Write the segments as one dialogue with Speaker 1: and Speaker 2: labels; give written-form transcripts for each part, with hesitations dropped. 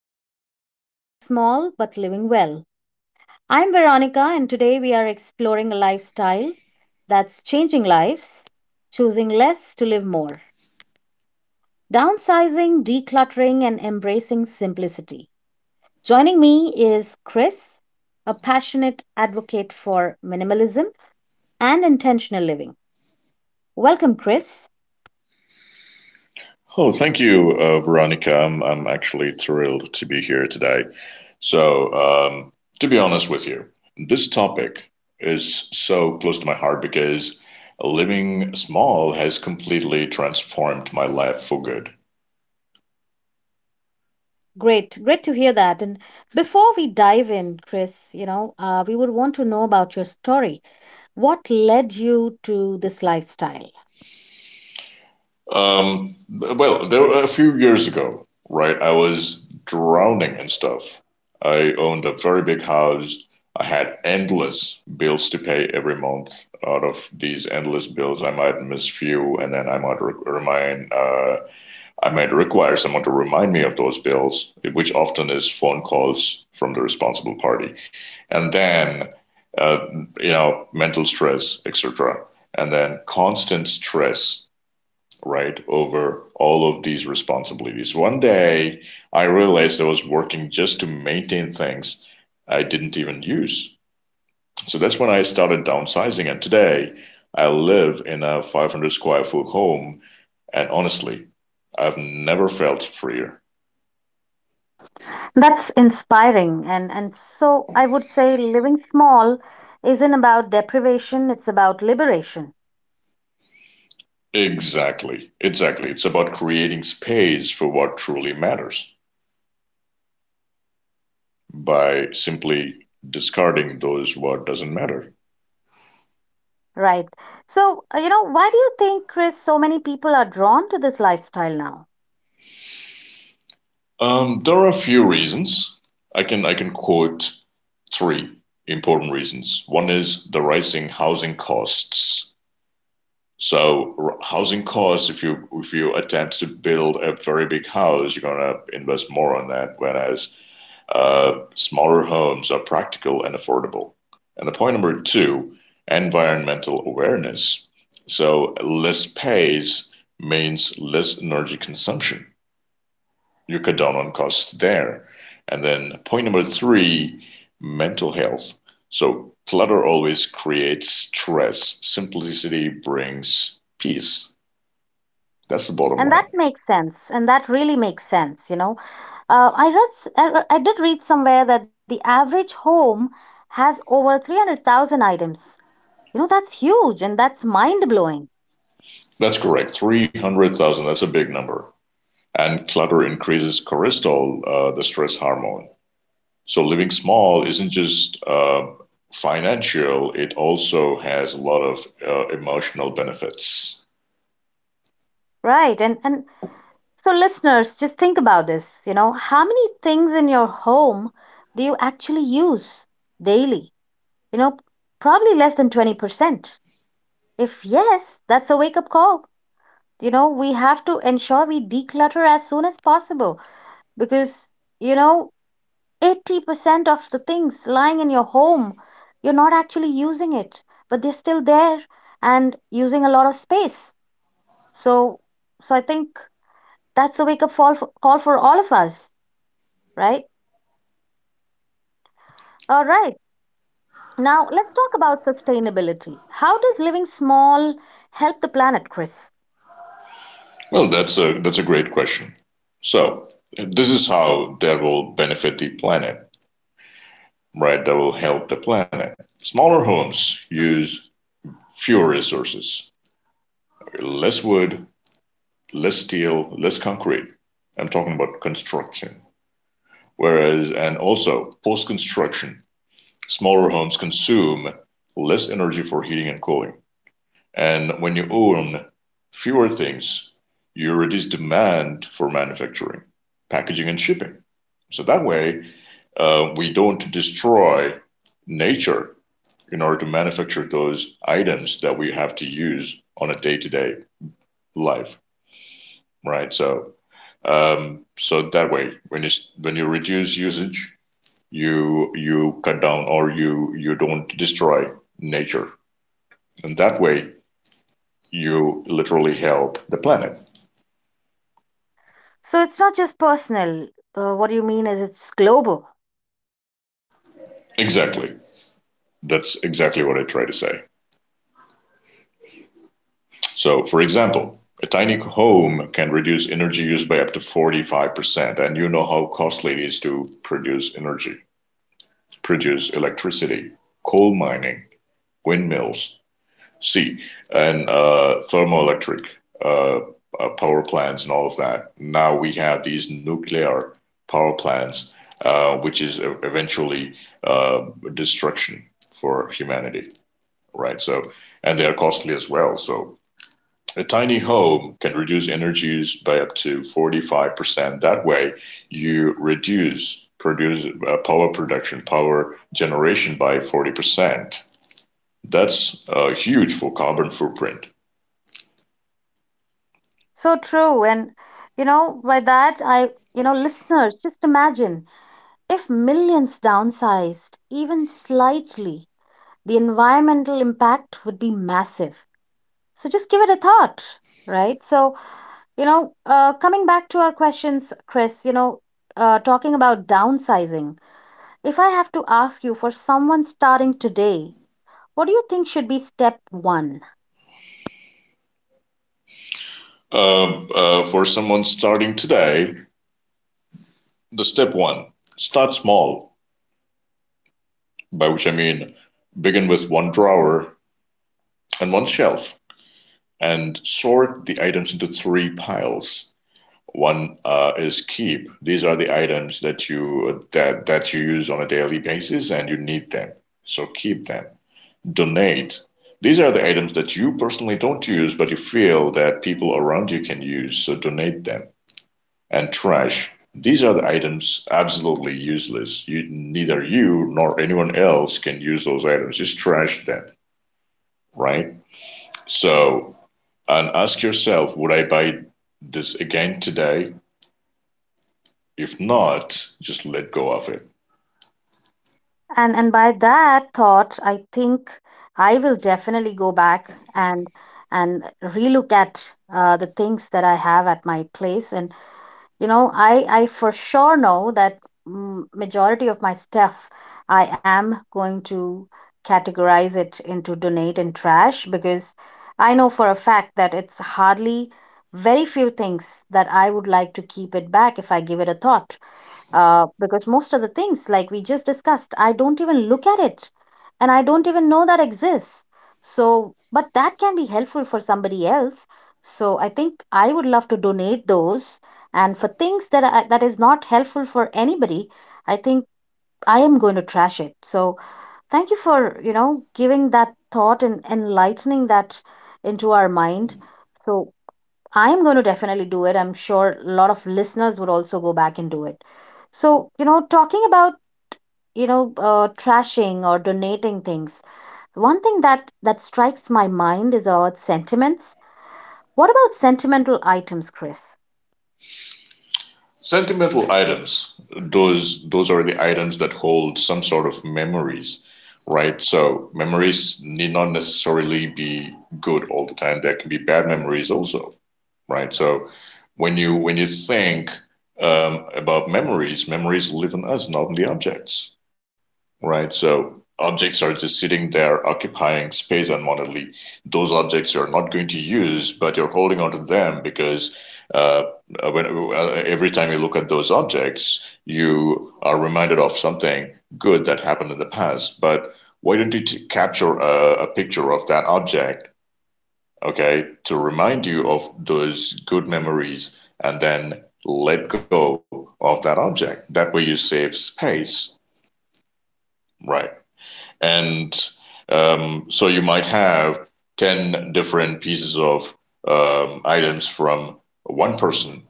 Speaker 1: and welcome to Living Small but Living Well. I'm Veronica and today we are exploring a lifestyle that's changing lives, choosing less to live more, downsizing, decluttering, and embracing simplicity. Joining me is Chris, a passionate advocate for minimalism and intentional living. Welcome, Chris.
Speaker 2: Oh, thank you, Veronica. I'm actually thrilled to be here today. So, um, to be honest with you, this topic is so close to my heart because living small has completely transformed my life for good.
Speaker 1: Great, great to hear that. And before we dive in, Chris, you know, we would want to know about your story. What led you to this lifestyle?
Speaker 2: Well, there were a few years ago, right? I was drowning in stuff. I owned a very big house. I had endless bills to pay every month. Out of these endless bills, I might miss few, and then remind, I might require someone to remind me of those bills, which often is phone calls from the responsible party, and then, uh, you know, mental stress, etc., and then constant stress, right, over all of these responsibilities. One day I realized I was working just to maintain things I didn't even use. So that's when I started downsizing, and today I live in a 500 square foot home, and honestly, I've never felt freer.
Speaker 1: That's inspiring. And so I would say living small isn't about deprivation, it's about liberation,
Speaker 2: Exactly, exactly. It's about creating space for what truly matters by simply discarding those what doesn't matter.
Speaker 1: right? So, you know, why do you think, Chris, so many people are drawn to this lifestyle now?
Speaker 2: There are a few reasons. I can quote three important reasons. One is the rising housing costs. So housing costs, if you attempt to build a very big house, you're gonna invest more on that, whereas smaller homes are practical and affordable. And the point number two, environmental awareness. So less space means less energy consumption. Eucadonone costs there. And then point number three, mental health. So clutter always creates stress. Simplicity brings peace. That's the bottom
Speaker 1: And
Speaker 2: line.
Speaker 1: that makes sense. And that really makes sense, you know. I read, s- I re- I did read somewhere that the average home has over 300,000 items. You know, that's huge and that's mind blowing,
Speaker 2: That's correct. 300,000, that's a big number. And clutter increases cortisol, the stress hormone. So living small isn't just financial, it also has a lot of emotional benefits.
Speaker 1: right? And so listeners, just think about this, you know, how many things in your home do you actually use daily? You know, probably less than 20%. If yes, that's a wake up call. You know, we have to ensure we declutter as soon as possible because, you know, 80% of the things lying in your home you're not actually using it, but they're still there and using a lot of space. So so I think that's a wake up call for all of us, right? All right, now let's talk about sustainability. How does living small help the planet, Chris?
Speaker 2: Well, that's a great question. So this is how that will benefit the planet, right? That will help the planet. Smaller homes use fewer resources, less wood, less steel, less concrete. I'm talking about construction. Whereas, and also post construction, smaller homes consume less energy for heating and cooling. And when you own fewer things, you reduce demand for manufacturing, packaging, and shipping. So that way, we don't destroy nature in order to manufacture those items that we have to use on a day-to-day life, right? So that way, when you reduce usage, you cut down or you don't destroy nature, and that way you literally help the planet.
Speaker 1: So it's not just personal, what you mean is it's global.
Speaker 2: Exactly. That's exactly what I try to say. So, for example, a tiny home can reduce energy use by up to 45%, and you know how costly it is to produce energy, produce electricity, coal mining, windmills, see, and thermoelectric uh, power plants and all of that. Now we have these nuclear power plants, which is eventually uh, destruction for humanity, right? So, and they are costly as well. So, a tiny home can reduce energy use by up to 45%. That way, you reduce produce power production, power generation by 40%. That's huge for carbon footprint.
Speaker 1: So true. And you know, by that, I you know, listeners, just imagine, if millions downsized, even slightly, the environmental impact would be massive. So just give it a thought, right? So, you know, coming back to our questions, Chris, you know, talking about downsizing, if I have to ask you for someone starting today, what do you think should be step one?
Speaker 2: Uh, for someone starting today, the step one, start small, by which I mean begin with one drawer and one shelf and sort the items into three piles. One is keep. These are the items that you that that you use on a daily basis and you need them. So keep them. Donate. These are the items that you personally don't use but you feel that people around you can use, so donate them. And trash. These are the items absolutely useless. You nor anyone else can use those items. Just trash them, right? So, and ask yourself, would I buy this again today? If not, just let go of it.
Speaker 1: And by that thought, I think I will definitely go back and and relook at the things that I have at my place, and you know, I for sure know that, majority of my stuff I am going to categorize it into donate and trash, because I know for a fact that it's hardly very few things that I would like to keep it back if I give it a thought. Because most of the things, like we just discussed, I don't even look at it and I don't even know that exists. So but that can be helpful for somebody else, so I think I would love to donate those. And for things that that is not helpful for anybody, I think I am going to trash it. So thank you for, you know, giving that thought and enlightening that into our mind. So I'm going to definitely do it. I'm sure a lot of listeners would also go back and do it. So, you know, talking about, you know, trashing or donating things, one thing that strikes my mind is about sentiments. What about sentimental items, Chris?
Speaker 2: Sentimental items, those are the items that hold some sort of memories, right? So memories need not necessarily be good all the time. There can be bad memories also, right? So when you think about memories, memories live in us, not in the objects. Right, so objects are just sitting there occupying space unwanted. Those objects you're not going to use, but you're holding onto them because uh, every time you look at those objects, you are reminded of something good that happened in the past. But why don't you capture a picture of that object, okay, to remind you of those good memories and then let go of that object? That way you save space, right? And so you might have 10 different pieces of items from one person.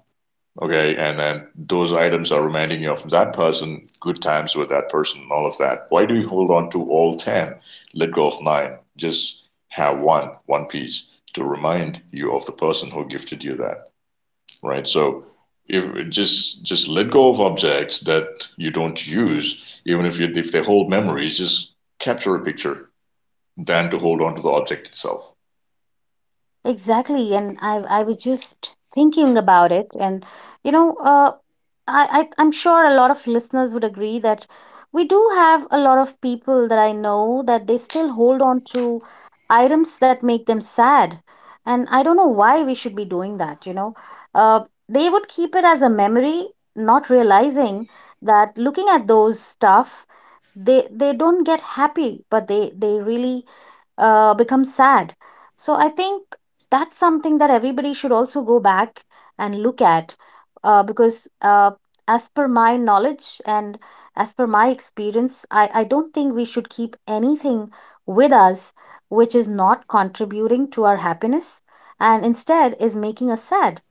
Speaker 2: Okay, and then those items are reminding you of that person, good times with that person, all of that. Why do you hold on to all 10? Let go of nine. Just have one, one piece to remind you of the person who gifted you that, right? So if just let go of objects that you don't use, even if if they hold memories, just capture a picture than to hold on to the object itself.
Speaker 1: Exactly, and I was just thinking about it. And you know, I'm sure a lot of listeners would agree that we do have a lot of people that I know that they still hold on to items that make them sad, and I don't know why we should be doing that. You know, uh, they would keep it as a memory, not realizing that looking at those stuff, they don't get happy, but they really become sad. So I think that's something that everybody should also go back and look at, because as per my knowledge and as per my experience, I don't think we should keep anything with us which is not contributing to our happiness and instead is making us sad,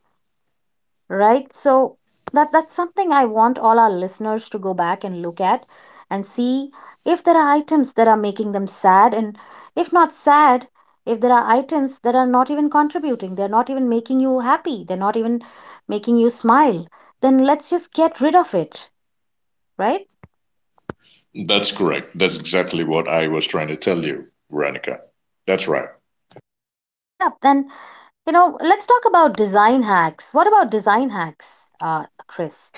Speaker 1: right? So that that's something I want all our listeners to go back and look at and see if there are items that are making them sad. And if not sad, if there are items that are not even contributing, they're not even making you happy, they're not even making you smile, then let's just get rid of it, right?
Speaker 2: That's correct. That's exactly what I was trying to tell you, Veronica. That's right.
Speaker 1: Yeah, then, you know, let's talk about design hacks. What about design hacks, Chris?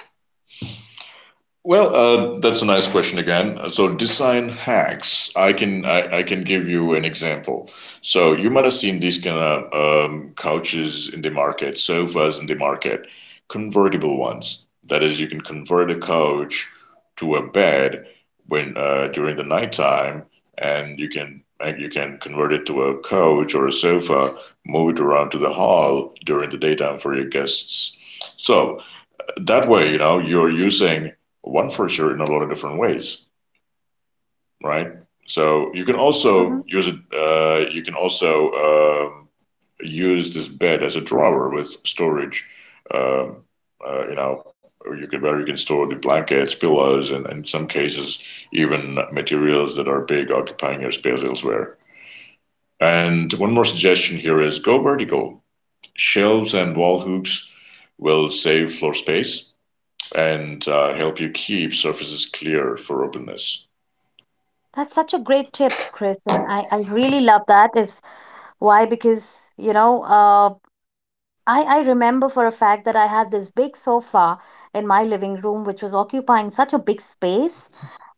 Speaker 2: Well, that's a nice question again. So design hacks, I can give you an example. So you might have seen these kind of couches in the market, sofas in the market, convertible ones. That is, you can convert a couch to a bed when, during the nighttime, and you can convert it to a couch or a sofa, move it around to the hall during the daytime for your guests. So that way, you know, you're using one furniture in a lot of different ways, right? So you can
Speaker 1: hmm
Speaker 2: also use it. You can also um, use this bed as a drawer with storage. Um, you know, you can, where you can store the blankets, pillows, and in some cases even materials that are big, occupying your space elsewhere. And one more suggestion here is go vertical. Shelves and wall hooks will save floor space and help you keep surfaces clear for openness.
Speaker 1: that's such a great tip, Chris, and I really love that is. Why? Because, you know, I remember for a fact that I had this big sofa in my living room, which was occupying such a big space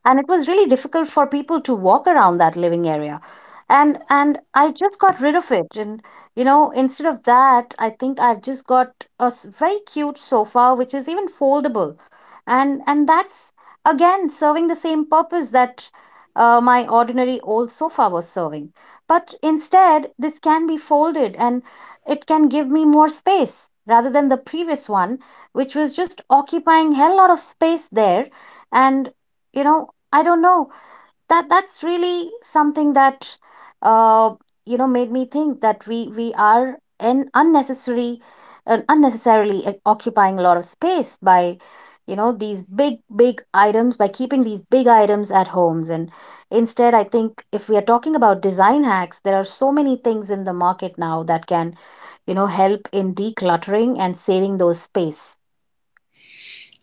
Speaker 1: and it was really difficult for people to walk around that living area. And I just got rid of it, and you know, instead of that, I think I've just got a very cute sofa which is even foldable. And that's again serving the same purpose that my ordinary old sofa was serving, but instead this can be folded and it can give me more space rather than the previous one, which was just occupying hell lot of space there. And you know, I don't know. That that's really something that uh you know made me think that we are in unnecessary unnecessarily occupying a lot of space by, you know, these big big items, by keeping these big items at homes. And instead, I think if we are talking about design hacks, there are so many things in the market now that can, you know, help in decluttering and saving those space,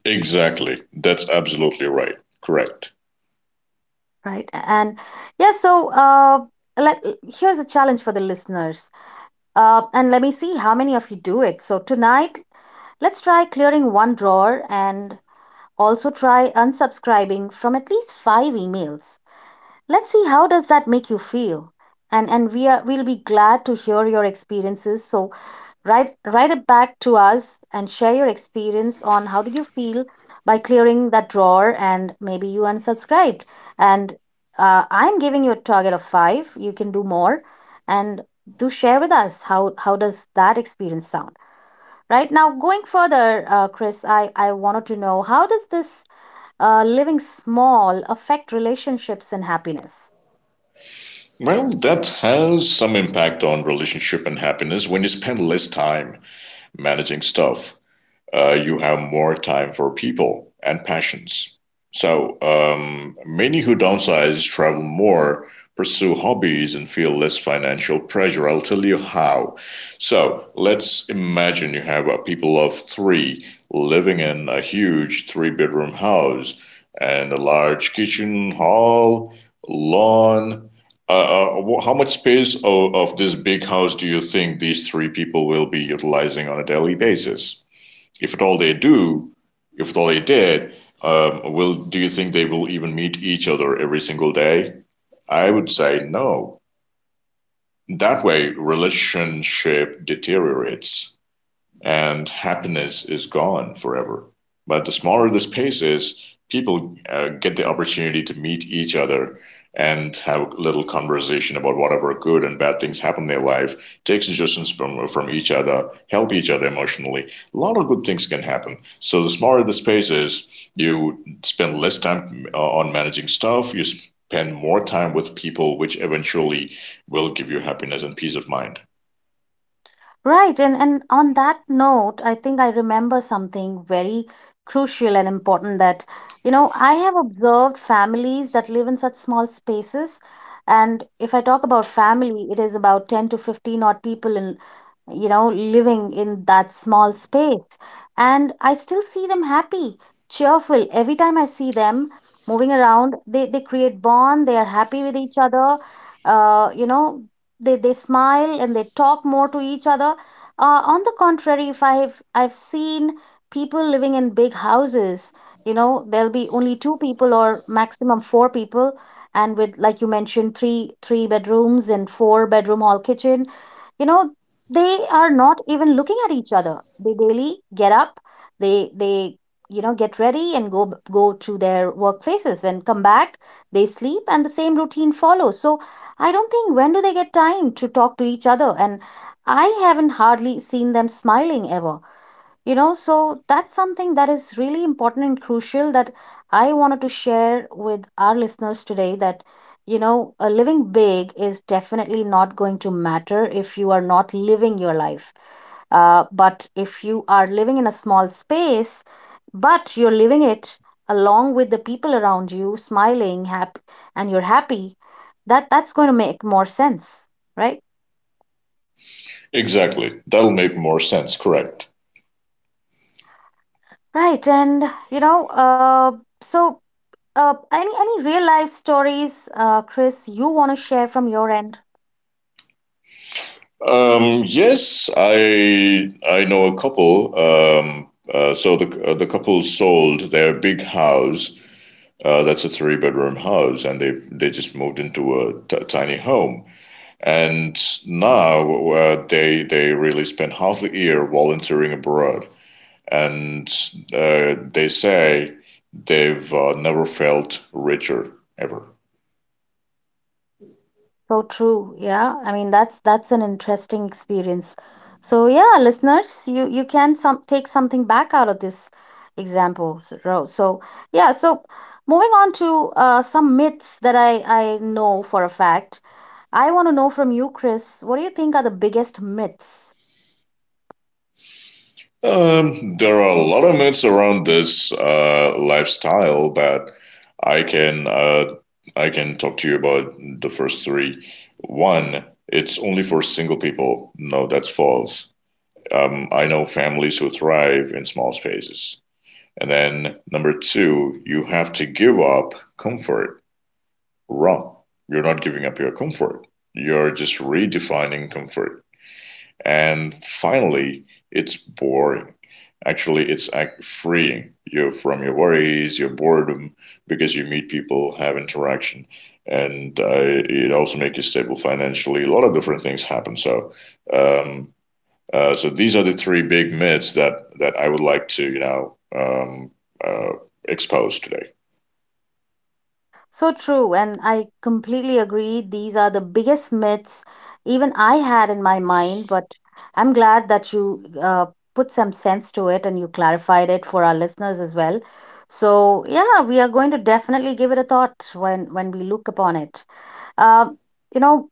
Speaker 2: Exactly. That's absolutely right. Correct.
Speaker 1: right? And yeah, so let, here's a challenge for the listeners. And let me see how many of you do it. So tonight, let's try clearing one drawer and also try unsubscribing from at least five emails. Let's see how does that make you feel. And we are we'll be glad to hear your experiences. So Write it back to us and share your experience on how did you feel by clearing that drawer, and maybe you unsubscribed. And I'm giving you a target of five. You can do more, and do share with us how does that experience sound. Right now, going further, Chris, I wanted to know how does this living small affect relationships and happiness?
Speaker 2: Well, that has some impact on relationship and happiness. When you spend less time managing stuff, you have more time for people and passions. So many who downsize, travel more, pursue hobbies, and feel less financial pressure. I'll tell you how. So let's imagine you have a people of three living in a huge three-bedroom house and a large kitchen, hall, lawn. How much space of this big house do you think these three people will be utilizing on a daily basis? If at all they do, if at all they did, will do you think they will even meet each other every single day? I would say no. That way, relationship deteriorates and happiness is gone forever. But the smaller the space is, people get the opportunity to meet each other and have a little conversation about whatever good and bad things happen in their life, take suggestions from each other, help each other emotionally. A lot of good things can happen. So the smaller the space is, you spend less time on managing stuff, you spend more time with people, which eventually will give you happiness and peace of mind.
Speaker 1: Right. And on that note, I think I remember something very crucial and important that, you know, I have observed families that live in such small spaces. And if I talk about family, it is about 10 to 15 odd people in, you know, living in that small space. And I still see them happy, cheerful. Every time I see them moving around, they create bond, they are happy with each other, you know, they smile and they talk more to each other. On the contrary, if I've seen people living in big houses, you know, there'll be only two people or maximum four people, and with, like you mentioned, three bedrooms and four-bedroom hall kitchen, you know, they are not even looking at each other. They daily get up, they you know get ready and go to their workplaces and come back. They sleep and the same routine follows. So I don't think when do they get time to talk to each other? And I haven't hardly seen them smiling ever, you know. So that's something that is really important and crucial that I wanted to share with our listeners today, that you know, living big is definitely not going to matter if you are not living your life. But if you are living in a small space but you're living it along with the people around you, smiling, happy, and you're happy, that that's going to make more sense, right?
Speaker 2: Exactly. That'll make more sense, correct?
Speaker 1: Right. And you know, so any real life stories, Chris, you want to share from your end?
Speaker 2: Yes, I know a couple. So the couple sold their big house. That's a three-bedroom house, and they just moved into a tiny home. And now they really spend half the year volunteering abroad, and they say they've never felt richer ever.
Speaker 1: So true, yeah. I mean, that's an interesting experience. So yeah, listeners, you can some take something back out of this example, so, yeah. So moving on to some myths that I know for a fact. I want to know from you, Chris. What do you think are the biggest myths?
Speaker 2: There are a lot of myths around this lifestyle, but I can uh, I can talk to you about the first three. One, it's only for single people. No, that's false. I know families who thrive in small spaces. And then number two, you have to give up comfort. Wrong. You're not giving up your comfort. You're just redefining comfort. And finally, it's boring. Actually, it's freeing you from your worries, your boredom, because you meet people, have interaction, and it also makes you stable financially. A lot of different things happen. Um, so these are the three big myths that I would like to, you know, uh, expose today.
Speaker 1: So true, and I completely agree. These are the biggest myths even I had in my mind. But I'm glad that you put some sense to it and you clarified it for our listeners as well. So yeah, we are going to definitely give it a thought when we look upon it. Uh, you know,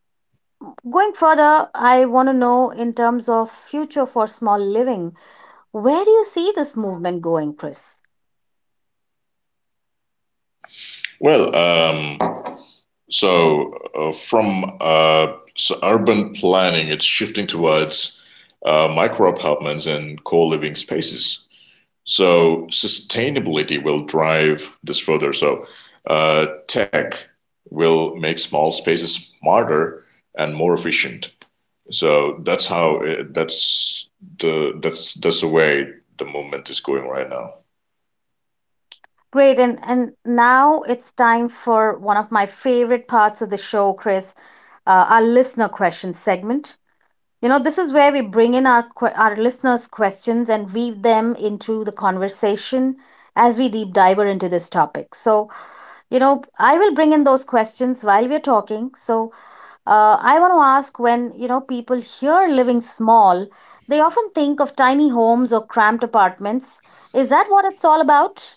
Speaker 1: going further, I want to know in terms of future for small living, where do you see this movement going, Chris?
Speaker 2: Well, so, from s urban planning, it's shifting towards micro apartments and co living spaces. So, sustainability will drive this further. So, tech will make small spaces smarter and more efficient. So, that's how it, that's the way the movement is going right now.
Speaker 1: Great. And now it's time for one of my favorite parts of the show, Chris, our listener question segment. You know, this is where we bring in our listeners' questions and weave them into the conversation as we deep diver into this topic. So, I will bring in those questions while we're talking. So, I want to ask when, people hear living small, they often think of tiny homes or cramped apartments. Is that what it's all about?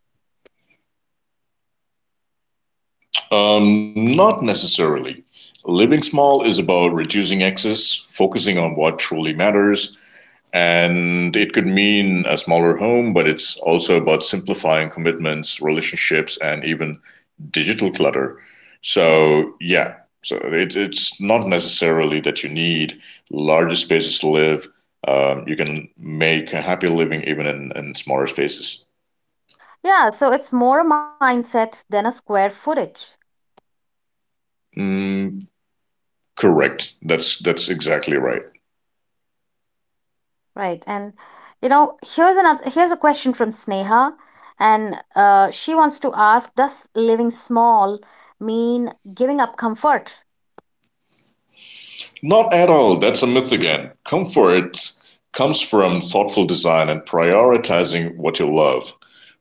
Speaker 2: Not necessarily. Living small is about reducing excess, focusing on what truly matters, and it could mean a smaller home, but it's also about simplifying commitments, relationships, and even digital clutter. So, yeah, so it's not necessarily that you need larger spaces to live. You can make a happy living even in smaller spaces.
Speaker 1: Yeah, so it's more a mindset than a square footage,
Speaker 2: Mm, correct. That's exactly right.
Speaker 1: right? And you know, here's a question from Sneha, and she wants to ask, does living small mean giving up comfort?
Speaker 2: Not at all, that's a myth again. Comfort comes from thoughtful design and prioritizing what you love,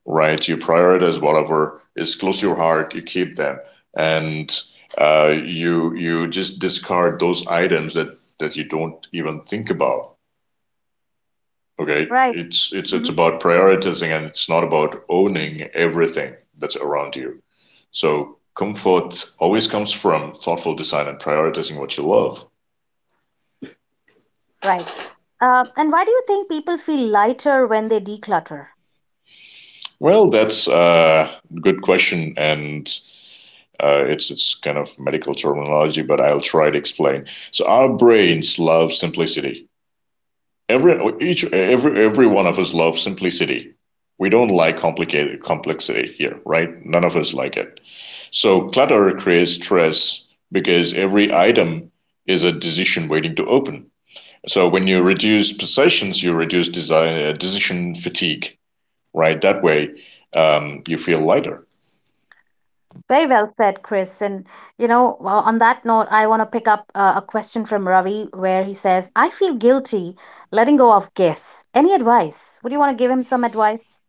Speaker 2: right? You prioritize whatever is close to your heart, you keep them, and you you just discard those items that that you don't even think about. Okay,
Speaker 1: Right.
Speaker 2: it's
Speaker 1: Hmm.
Speaker 2: about prioritizing, and it's not about owning everything that's around you. So comfort always comes from thoughtful design and prioritizing what you love.
Speaker 1: Right. And why do you think people feel lighter when they declutter?
Speaker 2: Well, that's a good question, and it's kind of medical terminology, but I'll try to explain. So our brains love simplicity. Every each every one of us loves simplicity. We don't like complicated complexity here, right? None of us like it. So clutter creates stress because every item is a decision waiting to open. So when you reduce possessions, you reduce decision fatigue, right? That way, you feel lighter.
Speaker 1: Very well said, Chris. And you know, well, on that note, I want to pick up a question from Ravi where he says, "I feel guilty letting go of gifts. Any advice? Would you want to give him some advice?"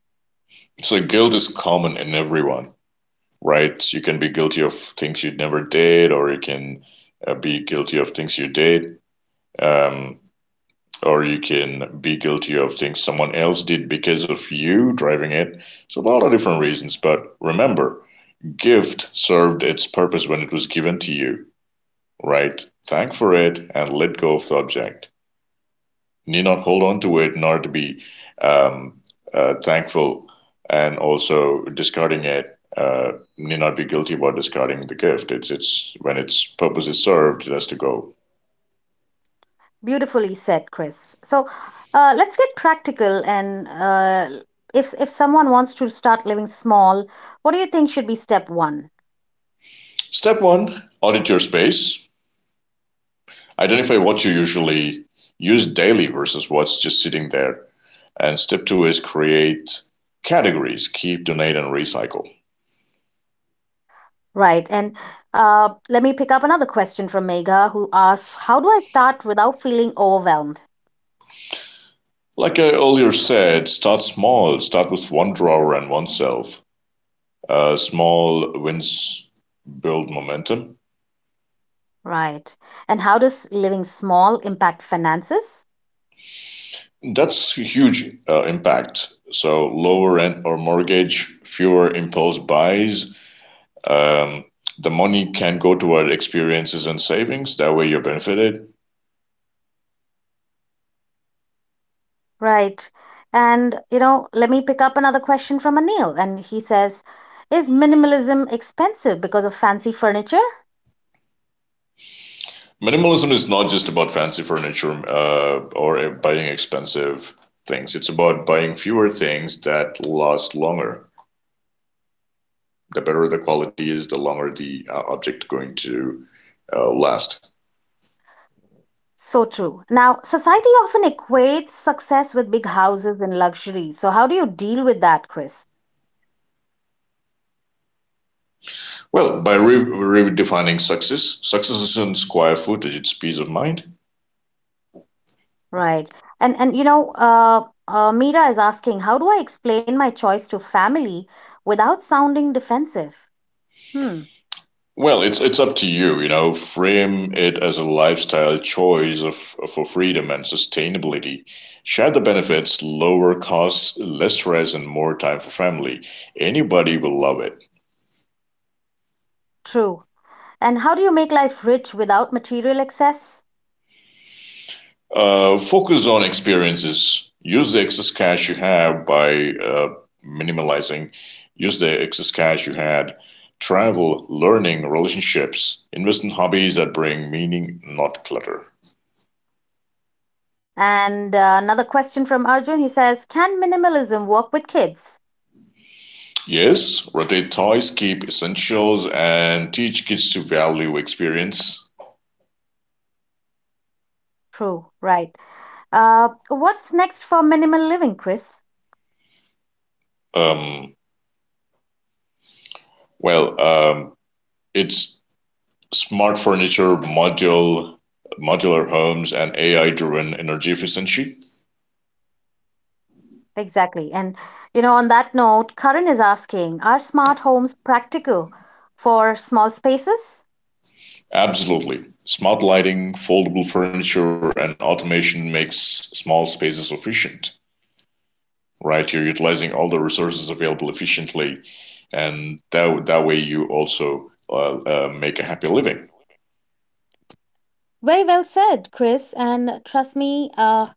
Speaker 2: So guilt is common in everyone, right? You can be guilty of things you never did, or you can be guilty of things you did, um, or you can be guilty of things someone else did because of you driving it. So a lot of different reasons. But remember, gift served its purpose when it was given to you, right? Thank for it and let go of the object. Need not hold on to it nor to be um, thankful, and also discarding it need not be guilty about discarding the gift. It's when its purpose is served, it has to go.
Speaker 1: Beautifully said, Chris. So let's get practical. And if someone wants to start living small, what do you think should be step one?
Speaker 2: Step one: audit your space. Identify what you usually use daily versus what's just sitting there. And step two is create categories: keep, donate, and recycle.
Speaker 1: Right. And let me pick up another question from Megha, who asks, "How do I start without feeling overwhelmed?"
Speaker 2: Like I earlier said, start small. Start with one drawer and one shelf. Small wins build momentum.
Speaker 1: Right. And how does living small impact finances?
Speaker 2: That's a huge impact. So lower rent or mortgage, fewer impulse buys. Um, the money can go toward experiences and savings. That way, you're benefited.
Speaker 1: Right. And you know, let me pick up another question from Anil, and he says, "Is minimalism expensive because of fancy furniture?"
Speaker 2: Minimalism is not just about fancy furniture or buying expensive things. It's about buying fewer things that last longer. The better the quality is, the longer the object going to last.
Speaker 1: So true. Now, society often equates success with big houses and luxury. So, how do you deal with that, Chris?
Speaker 2: Well, by redefining success, success isn't square footage, it's peace of mind.
Speaker 1: Right. And you know, Mira is asking, how do I explain my choice to family without sounding defensive? Hmm.
Speaker 2: Well, it's up to you, you know, frame it as a lifestyle choice of, for freedom and sustainability. Share the benefits, lower costs, less stress and more time for family. Anybody will love it.
Speaker 1: True. And how do you make life rich without material excess?
Speaker 2: Focus on experiences. Use the excess cash you have by minimalizing. Use the excess cash you had. Travel, learning, relationships. Invest in hobbies that bring meaning, not clutter.
Speaker 1: And another question from Arjun. He says, can minimalism work with kids?
Speaker 2: Yes, rotate toys, keep essentials, and teach kids to value experience.
Speaker 1: True. Right. What's next for minimal living, Chris?
Speaker 2: Um, well, it's smart modular homes, and AI-driven energy efficiency.
Speaker 1: Exactly. And, you know, on that note, Karan is asking, are smart homes practical for small spaces?
Speaker 2: Absolutely, smart lighting, foldable furniture and automation makes small spaces efficient, right? You're utilizing all the resources available efficiently, and that way you also make a happy living.
Speaker 1: Very well said, Chris. And trust me,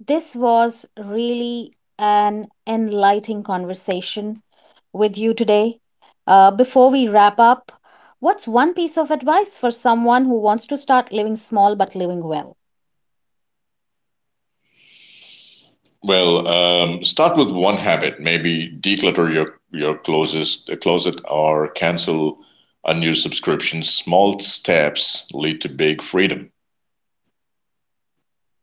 Speaker 1: this was really an enlightening conversation with you today. Before we wrap up, what's one piece of advice for someone who wants to start living small but living well?
Speaker 2: Well, start with one habit. Maybe declutter your closest closet or cancel unused subscriptions. Small steps lead to big freedom.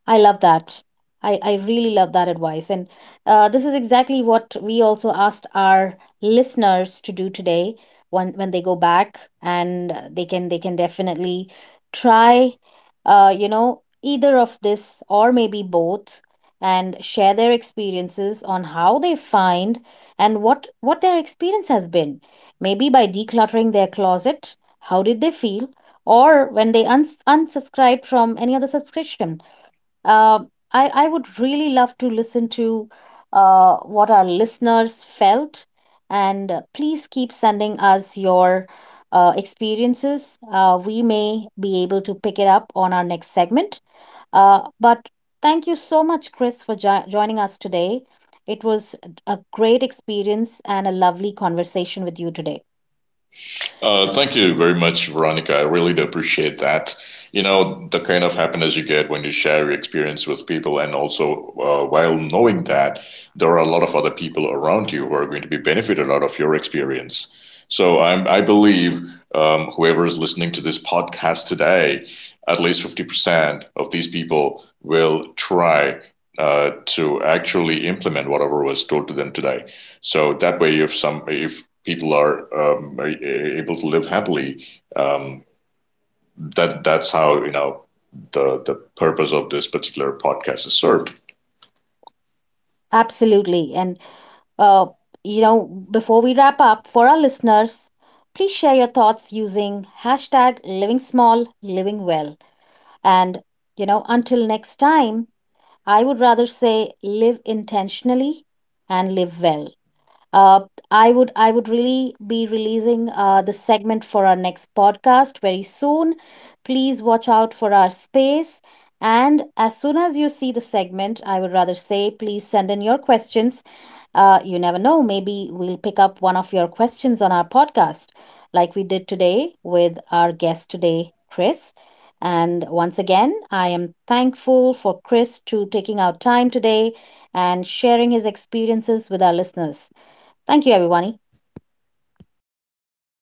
Speaker 1: I love that. I really love that advice. And this is exactly what we also asked our listeners to do today when they go back and they can definitely try you know, either of this or maybe both and share their experiences on how they find and what their experience has been. Maybe by decluttering their closet, how did they feel? Or when they unsubscribed from any other subscription. I would really love to listen to what our listeners felt. And please keep sending us your experiences. We may be able to pick it up on our next segment. But thank you so much, Chris, for joining us today. It was a great experience and a lovely conversation with you today.
Speaker 2: Thank you very much, Veronica. I really do appreciate that. You know, the kind of happiness you get when you share your experience with people, and also while knowing that there are a lot of other people around you who are going to be benefited out of your experience. So I believe whoever is listening to this podcast today, at least 50% of these people will try to actually implement whatever was told to them today. So that way, if people are able to live happily. Um, that that's how you know the purpose of this particular podcast is served.
Speaker 1: Absolutely. And, uh, you know, before we wrap up, for our listeners, please share your thoughts using hashtag living small, living well. And, you know, until next time, I would rather say live intentionally and live well. Uh, I would really be releasing the segment for our next podcast very soon. Please watch out for our space. And as soon as you see the segment, I would rather say please send in your questions, you never know, maybe we'll pick up one of your questions on our podcast, like we did today with our guest today, Chris. And once again, I am thankful for Chris to taking out time today and sharing his experiences with our listeners. Thank you, everyone.
Speaker 2: Thank